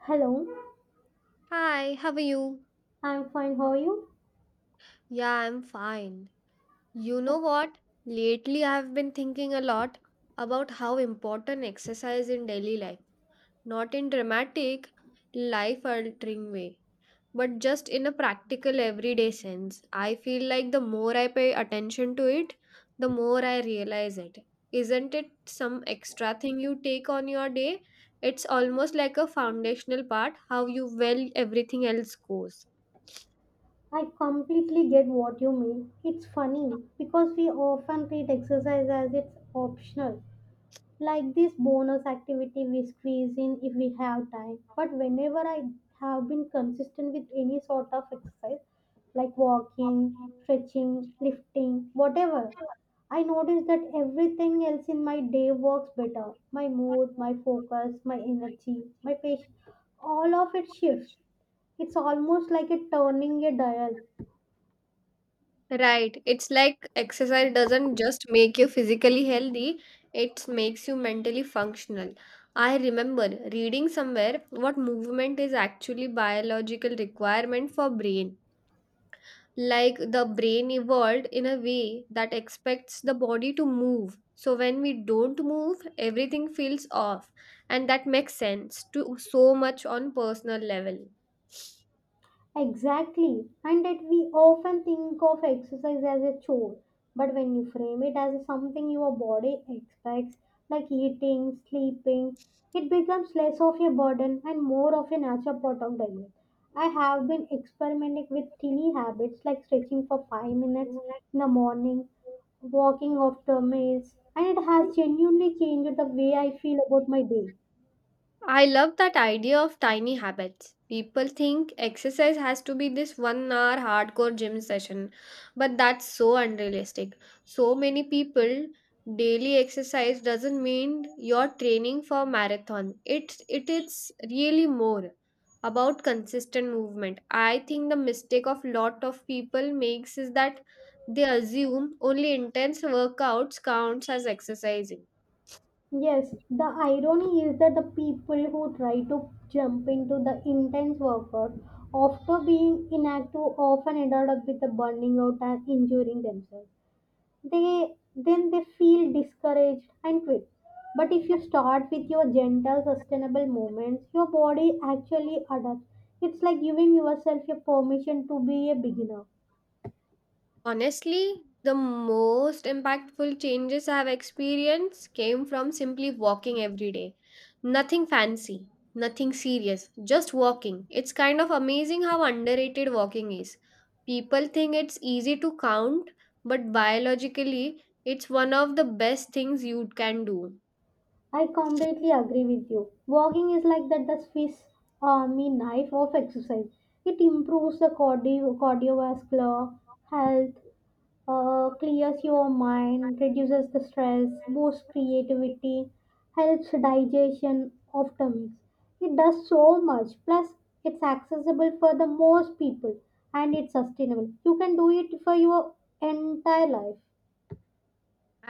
Hello, Hi, how are you? I'm fine. How are you? Yeah, I'm fine. You know Oh, what? Lately, I've been thinking a lot about how important exercise in daily life, not in dramatic, life altering way, but just in a practical, everyday sense. I feel like the more I pay attention to it, the more I realize it. Isn't it some extra thing you take on your day? It's almost like a foundational part, how you well everything else goes. I completely get what you mean. It's funny because we often treat exercise as it's optional, like this bonus activity we squeeze in if we have time. But whenever I have been consistent with any sort of exercise, like walking, stretching, lifting, whatever, I noticed that everything else in my day works better. My mood, my focus, my energy, my patience, all of it shifts. It's almost like a turning a dial. Right. It's like exercise doesn't just make you physically healthy, it makes you mentally functional. I remember reading somewhere what movement is actually biological requirement for brain, like the brain evolved in a way that expects the body to move, so when we don't move everything feels off, and that makes sense to so much on personal level. Exactly. And that we often think of exercise as a chore. But when you frame it as something your body expects, like eating, sleeping, it becomes less of a burden and more of a natural part of daily life. I have been experimenting with tiny habits like stretching for 5 minutes in the morning, walking after meals, and it has genuinely changed the way I feel about my day. I love that idea of tiny habits. People think exercise has to be this 1-hour hardcore gym session, but that's so unrealistic. So many people daily exercise doesn't mean you're training for marathon. It is really more about consistent movement. I think the mistake of lot of people makes is that they assume only intense workouts counts as exercising. Yes, the irony is that the people who try to jump into the intense workout after being inactive often ended up with a burning out and injuring themselves. They then they feel discouraged and quit. But if you start with your gentle, sustainable movements, your body actually adapts. It's like giving yourself a permission to be a beginner. Honestly, the most impactful changes I have experienced came from simply walking every day. Nothing fancy, nothing serious, just walking. It's kind of amazing how underrated walking is. People think it's easy to count, but biologically, it's one of the best things you can do. I completely agree with you. Walking is like that the Swiss Army knife of exercise. It improves the cardiovascular health, clears your mind, reduces the stress, boosts creativity, helps digestion of tummies. It does so much. Plus, it's accessible for the most people and it's sustainable. You can do it for your entire life.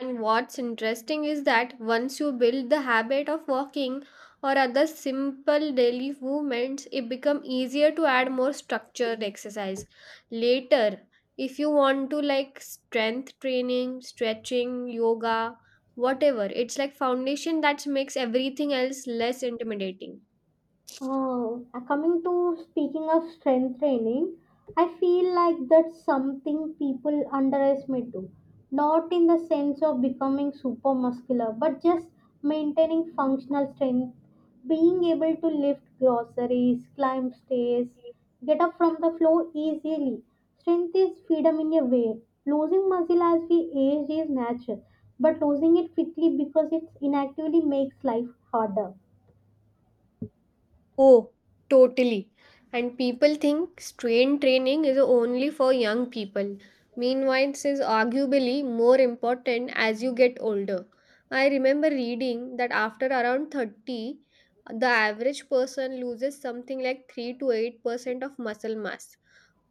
And what's interesting is that once you build the habit of walking or other simple daily movements, it becomes easier to add more structured exercise. Later, if you want to like strength training, stretching, yoga, whatever, it's like foundation that makes everything else less intimidating. Oh. Coming to speaking of strength training, I feel like that's something people underestimate too. Not in the sense of becoming super muscular, but just maintaining functional strength, being able to lift groceries, climb stairs, get up from the floor easily. Strength is freedom in a way. Losing muscle as we age is natural, but losing it quickly because it's inactively makes life harder. Oh, totally. And people think strain training is only for young people. Meanwhile, it is arguably more important as you get older. I remember reading that after around 30, the average person loses something like 3 to 8% of muscle mass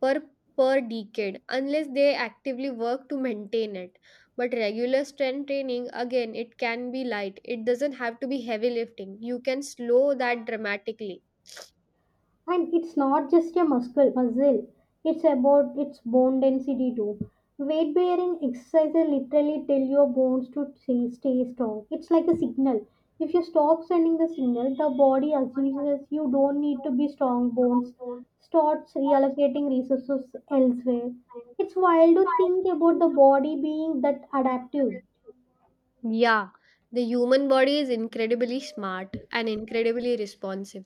per per decade unless they actively work to maintain it. But regular strength training, again, it can be light, it doesn't have to be heavy lifting, you can slow that dramatically. And it's not just a muscle, it's about its bone density too. Weight bearing exercises literally tell your bones to stay strong. It's like a signal. If you stop sending the signal, the body Body assumes action, you you don't need to don't be need to be strong. strong, Bones don't starts start reallocating reacting in resources the elsewhere. competition. It's wild So to I think about the think body being that about, adaptive. yeah, the human body is incredibly smart and incredibly responsive.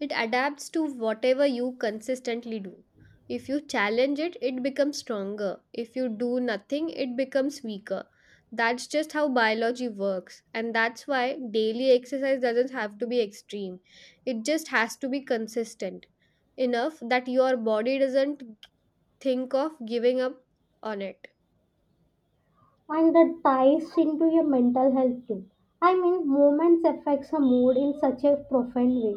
It adapts to whatever you consistently do. If you challenge it, it becomes stronger. If you do nothing, it becomes weaker. That's just how biology works, and that's why daily exercise doesn't have to be extreme. It just has to be consistent enough that your body doesn't think of giving up on it. And that ties into your mental health too. I mean, movements affects a mood in such a profound way.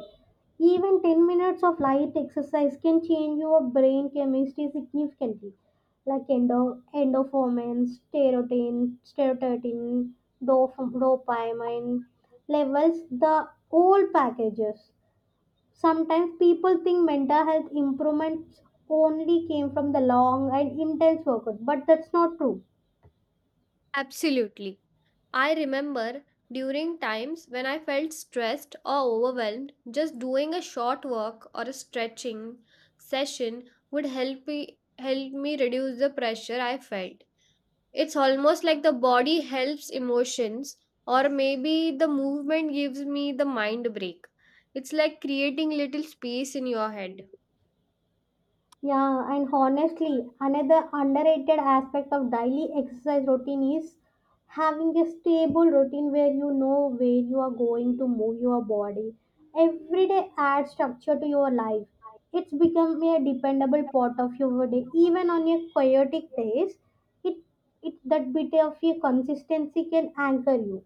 Even 10 minutes of light exercise can change your brain chemistry significantly, like endorphins, serotonin, dopamine levels, the whole packages. Sometimes people think mental health improvements only came from the long and intense workout, but that's not true. Absolutely. I remember during times when I felt stressed or overwhelmed, just doing a short walk or a stretching session would help me reduce the pressure I felt. It's almost like the body helps emotions, or maybe the movement gives me the mind break. It's like creating little space in your head. Yeah, and honestly, another underrated aspect of daily exercise routine is having a stable routine where you know where you are going to move your body. Every day adds structure to your life. It's become a dependable part of your day. Even on your chaotic days, it, it that bit of your consistency can anchor you.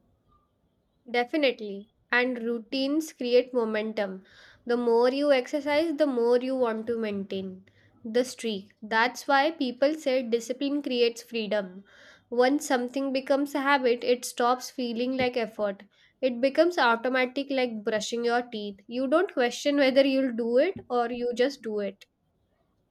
Definitely. And routines create momentum. The more you exercise, the more you want to maintain the streak. That's why people say discipline creates freedom. Once something becomes a habit, it stops feeling like effort. It becomes automatic, like brushing your teeth. You don't question whether you'll do it or you just do it.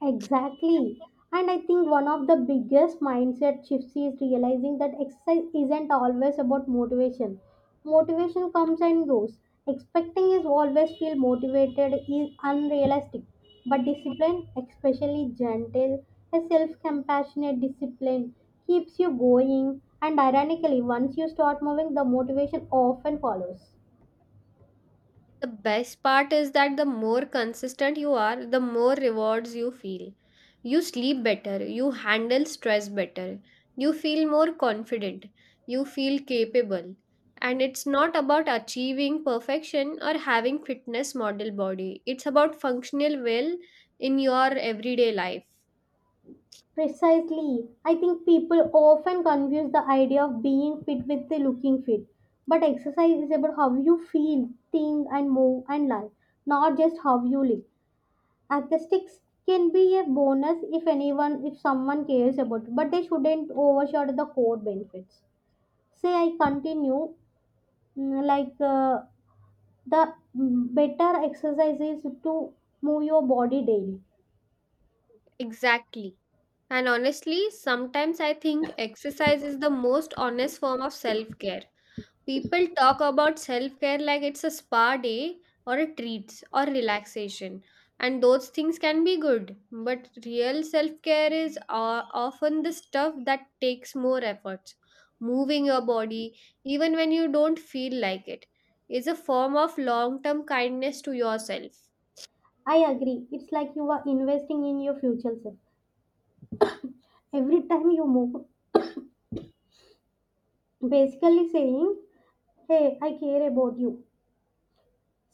Exactly. And I think one of the biggest mindset shifts is realizing that exercise isn't always about motivation. Motivation comes and goes. Expecting is always feel motivated is unrealistic. But discipline, especially gentle, a self compassionate discipline, keeps you going. And ironically, once you start moving, the motivation often follows. The best part is that the more consistent you are, the more rewards you feel. You sleep better, you handle stress better, you feel more confident, you feel capable. And it's not about achieving perfection or having fitness model body. It's about functional well in your everyday life. Precisely. I think people often confuse the idea of being fit with the looking fit. But exercise is about how you feel, think, and move and live, not just how you live. Aesthetics can be a bonus if anyone, if someone cares about it, but they shouldn't overshadow the core benefits. Say I continue, mm, like uh, better exercise is to move your body daily. Exactly. And honestly, sometimes I think exercise is the most honest form of self-care. People talk about self care like it's a spa day or a treats or relaxation, and those things can be good. But real self care is often the stuff that takes more efforts. Moving your body, even when you don't feel like it, is a form of long term kindness to yourself. I agree. It's like you are investing in your future self every time you move, basically saying, hey, I care about you.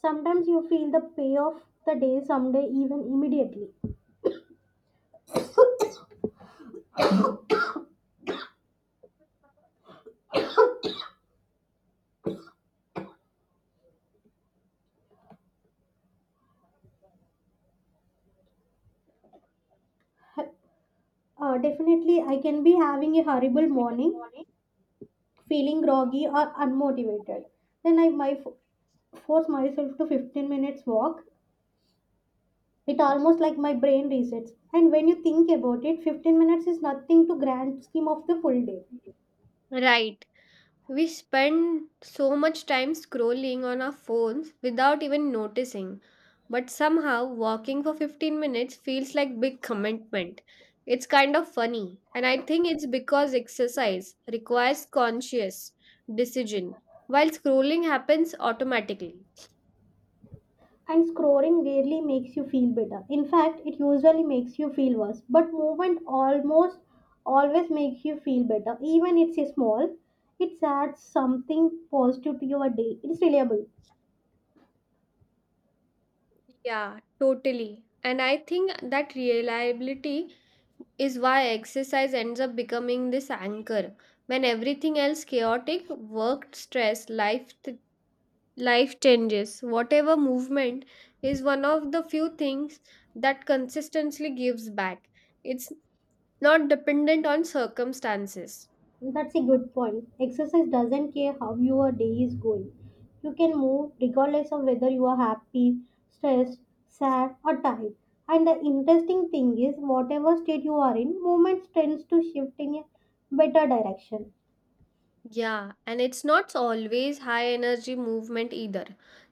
Sometimes you feel the pay of the day someday, even immediately. Definitely. I can be having a horrible morning, feeling groggy or unmotivated, then I my force myself to 15 minutes walk. It almost like my brain resets, and when you think about it, 15 minutes is nothing to grand scheme of the full day. Right. We spend so much time scrolling on our phones without even noticing, but somehow walking for 15 minutes feels like big commitment. It's kind of funny, and I think it's because exercise requires conscious decision, while scrolling happens automatically. And scoring rarely makes you feel better. In fact, it usually makes you feel worse. But movement almost always makes you feel better. Even it's a small, it adds something positive to your day. It's reliable. Yeah, totally. And I think that reliability is why exercise ends up becoming this anchor. When everything else chaotic, work, stress, life. Changes, whatever, movement is one of the few things that consistently gives back. It's not dependent on circumstances. That's a good point. Exercise doesn't care how your day is going. You can move regardless of whether you are happy, stressed, sad, or tired. And the interesting thing is, whatever state you are in, movement tends to shift in a better direction. Yeah, and it's not always high energy movement either.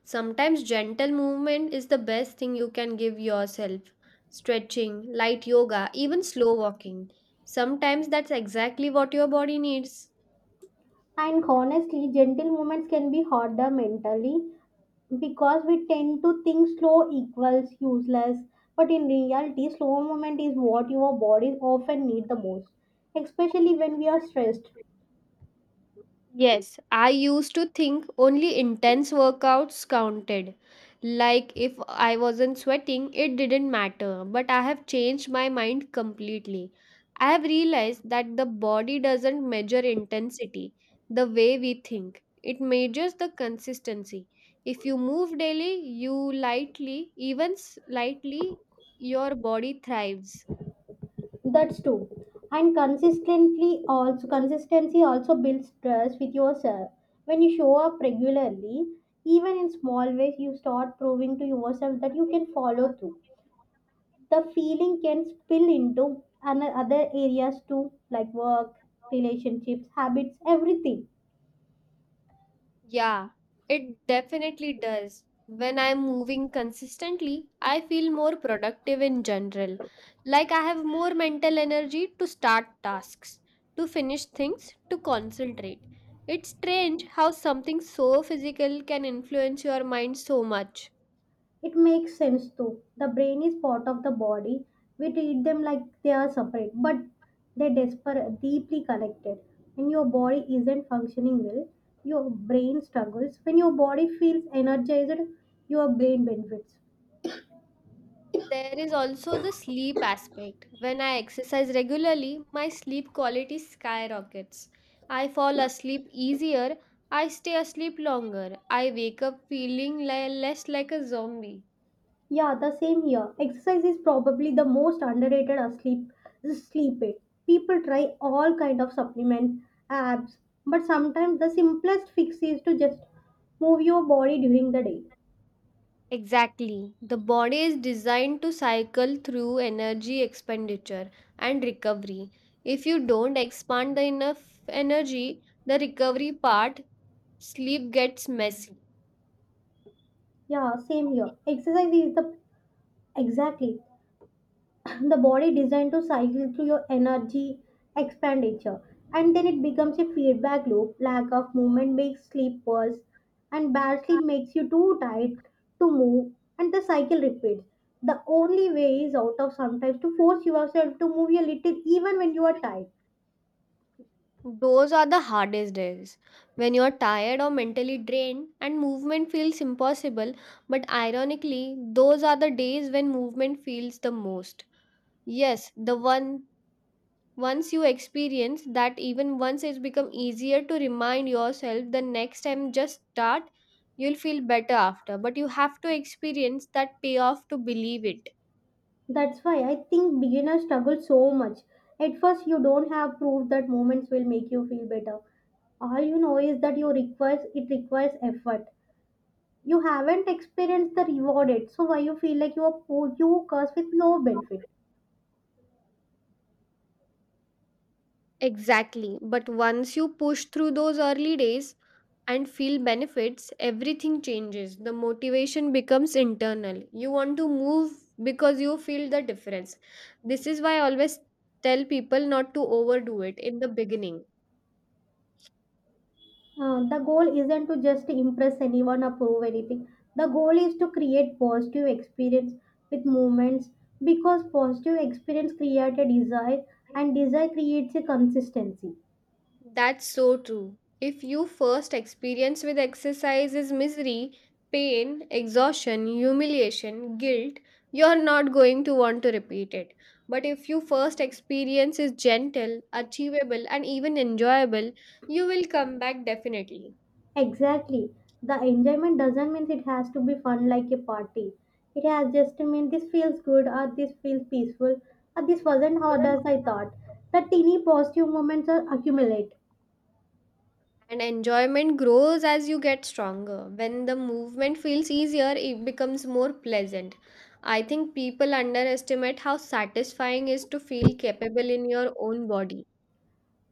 Sometimes gentle movement is the best thing you can give yourself. Stretching, light yoga, even slow walking. Sometimes that's exactly what your body needs. And honestly, gentle moments can be harder mentally because we tend to think slow equals useless. But in reality, slow movement is what your body often need the most, especially when we are stressed. Yes, I used to think only intense workouts counted. Like if I wasn't sweating, it didn't matter. But I have changed my mind completely. I have realized that the body doesn't measure intensity the way we think, it measures the consistency. If you move daily, you lightly, even slightly, your body thrives. That's true. And consistently also consistency also builds trust with yourself. When you show up regularly, even in small ways, you start proving to yourself that you can follow through. The feeling can spill into other areas too, like work, relationships, habits, everything. Yeah, it definitely does. When I'm moving consistently, I feel more productive in general. Like I have more mental energy to start tasks, to finish things, to concentrate. It's strange how something so physical can influence your mind so much. It makes sense too. The brain is part of the body. We treat them like they are separate, but they desper deeply connected. When your body isn't functioning well, your brain struggles. When your body feels energized, your brain benefits. There is also the sleep aspect. When I exercise regularly, my sleep quality skyrockets. I fall asleep easier, I stay asleep longer, I wake up feeling less like a zombie. Yeah, the same here. Exercise is probably the most underrated asleep sleep aid. People try all kind of supplements, abs, but sometimes the simplest fix is to just move your body during the day. Exactly. The body is designed to cycle through energy expenditure and recovery. If you don't expand the enough energy, the recovery part, sleep gets messy. Yeah, same here. Exercise is the exactly the body designed to cycle through your energy expenditure. And then it becomes a feedback loop. Lack of movement makes sleep worse, and bad sleep makes you too tired to move, and the cycle repeats. The only way is out of sometimes to force yourself to move a little, even when you are tired. Those are the hardest days when you're tired or mentally drained and movement feels impossible. But ironically, those are the days when movement feels the most. Yes, the one once you experience that, even once, it's become easier to remind yourself the next time, just start, you'll feel better after. But you have to experience that payoff to believe it. That's why I think beginners struggle so much. At first, you don't have proof that movements will make you feel better. All you know is that you requires it requires effort. You haven't experienced the reward yet, so why you feel like you are poor, you curse with no benefit. Exactly. But once you push through those early days and feel benefits, everything changes. The motivation becomes internal. You want to move because you feel the difference. This is why I always tell people not to overdo it in the beginning. The goal isn't to just impress anyone or prove anything. The goal is to create positive experience with movements, because positive experience creates a desire, and desire creates a consistency. That's so true. If your first experience with exercise is misery, pain, exhaustion, humiliation, guilt, you're not going to want to repeat it. But if your first experience is gentle, achievable, and even enjoyable, you will come back definitely. Exactly. The enjoyment doesn't mean it has to be fun like a party. It has just to mean this feels good, or this feels peaceful, or this wasn't hard as I thought. The teeny positive moments are accumulate. And enjoyment grows as you get stronger. When the movement feels easier, it becomes more pleasant. I think people underestimate how satisfying is to feel capable in your own body.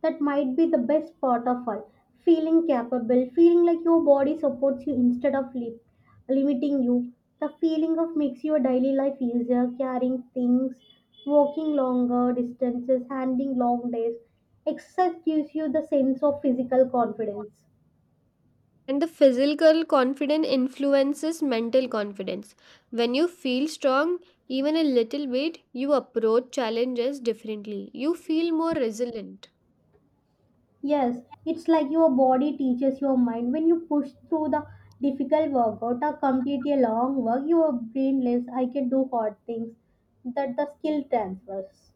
That might be the best part of all, feeling capable, feeling like your body supports you instead of limiting you. The feeling of makes your daily life easier, carrying things, walking longer distances, handling long days. Exercise gives you the sense of physical confidence. And the physical confidence influences mental confidence. When you feel strong, even a little bit, you approach challenges differently. You feel more resilient. Yes, it's like your body teaches your mind. When you push through the difficult workout or complete a long work, your brain lives, I can do hard things. That the skill transfers.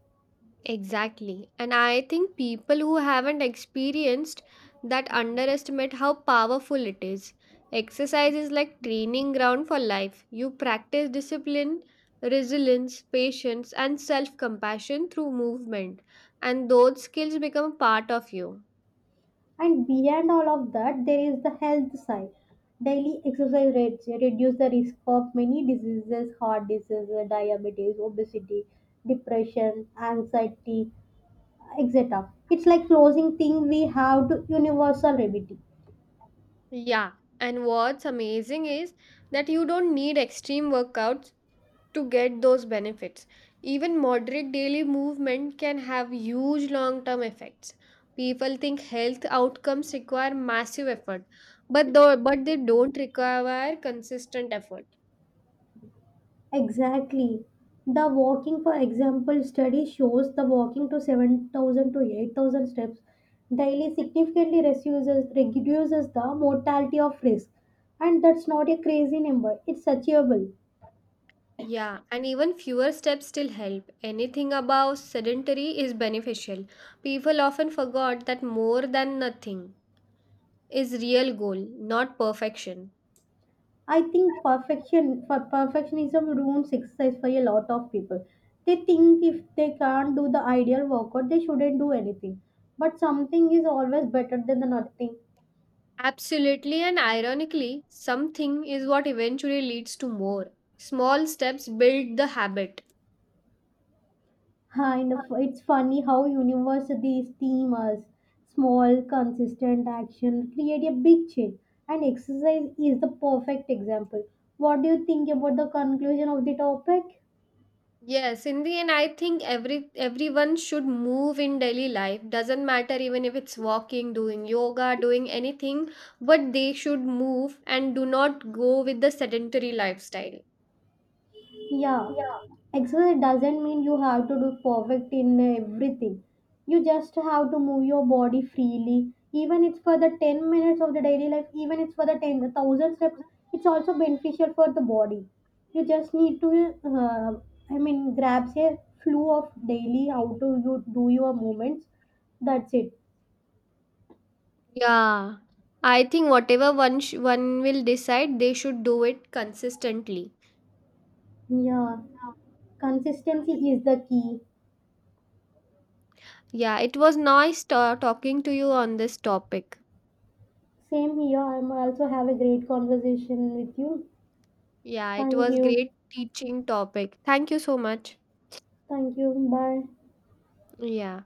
Exactly. And I think people who haven't experienced that underestimate how powerful it is. Exercise is like training ground for life. You practice discipline, resilience, patience, and self compassion through movement, and those skills become part of you. And beyond all of that, there is the health side. Daily exercise rates reduce the risk of many diseases, heart disease, diabetes, obesity, depression, anxiety, etc. It's like closing thing we have to universal remedy. Yeah. And what's amazing is that you don't need extreme workouts to get those benefits. Even moderate daily movement can have huge long term effects. People think health outcomes require massive effort, but they don't require consistent effort. Exactly. The walking, for example, study shows the walking to 7,000 to 8,000 steps daily significantly reduces the mortality of risk. And that's not a crazy number, it's achievable. Yeah, and even fewer steps still help. Anything above sedentary is beneficial. People often forgot that more than nothing is real goal, not perfection. I think perfection for perfectionism ruins exercise for a lot of people. They think if they can't do the ideal workout, they shouldn't do anything. But something is always better than the nothing. Absolutely, and ironically, something is what eventually leads to more. Small steps build the habit. And it's funny how universities theme us. Small, consistent action create a big change. And exercise is the perfect example. What do you think about the conclusion of the topic? Yes, in the end, I think everyone should move in daily life. Doesn't matter, even if it's walking, doing yoga, doing anything, but they should move and do not go with the sedentary lifestyle. Yeah, Yeah. exercise doesn't mean you have to do perfect in everything. You just have to move your body freely. Even it's for the 10 minutes of the daily life, even it's for the 10, the 1,000 steps, it's also beneficial for the body. You just need to, I mean, grab a flow of daily how to you do your movements. That's it. Yeah, I think whatever one will decide, they should do it consistently. Yeah, consistency is the key. Yeah, it was nice talking to you on this topic. Same here. I'm also have a great conversation with you. Yeah, it Thank was you. great teaching topic. Thank you so much. Thank you. Bye. Yeah.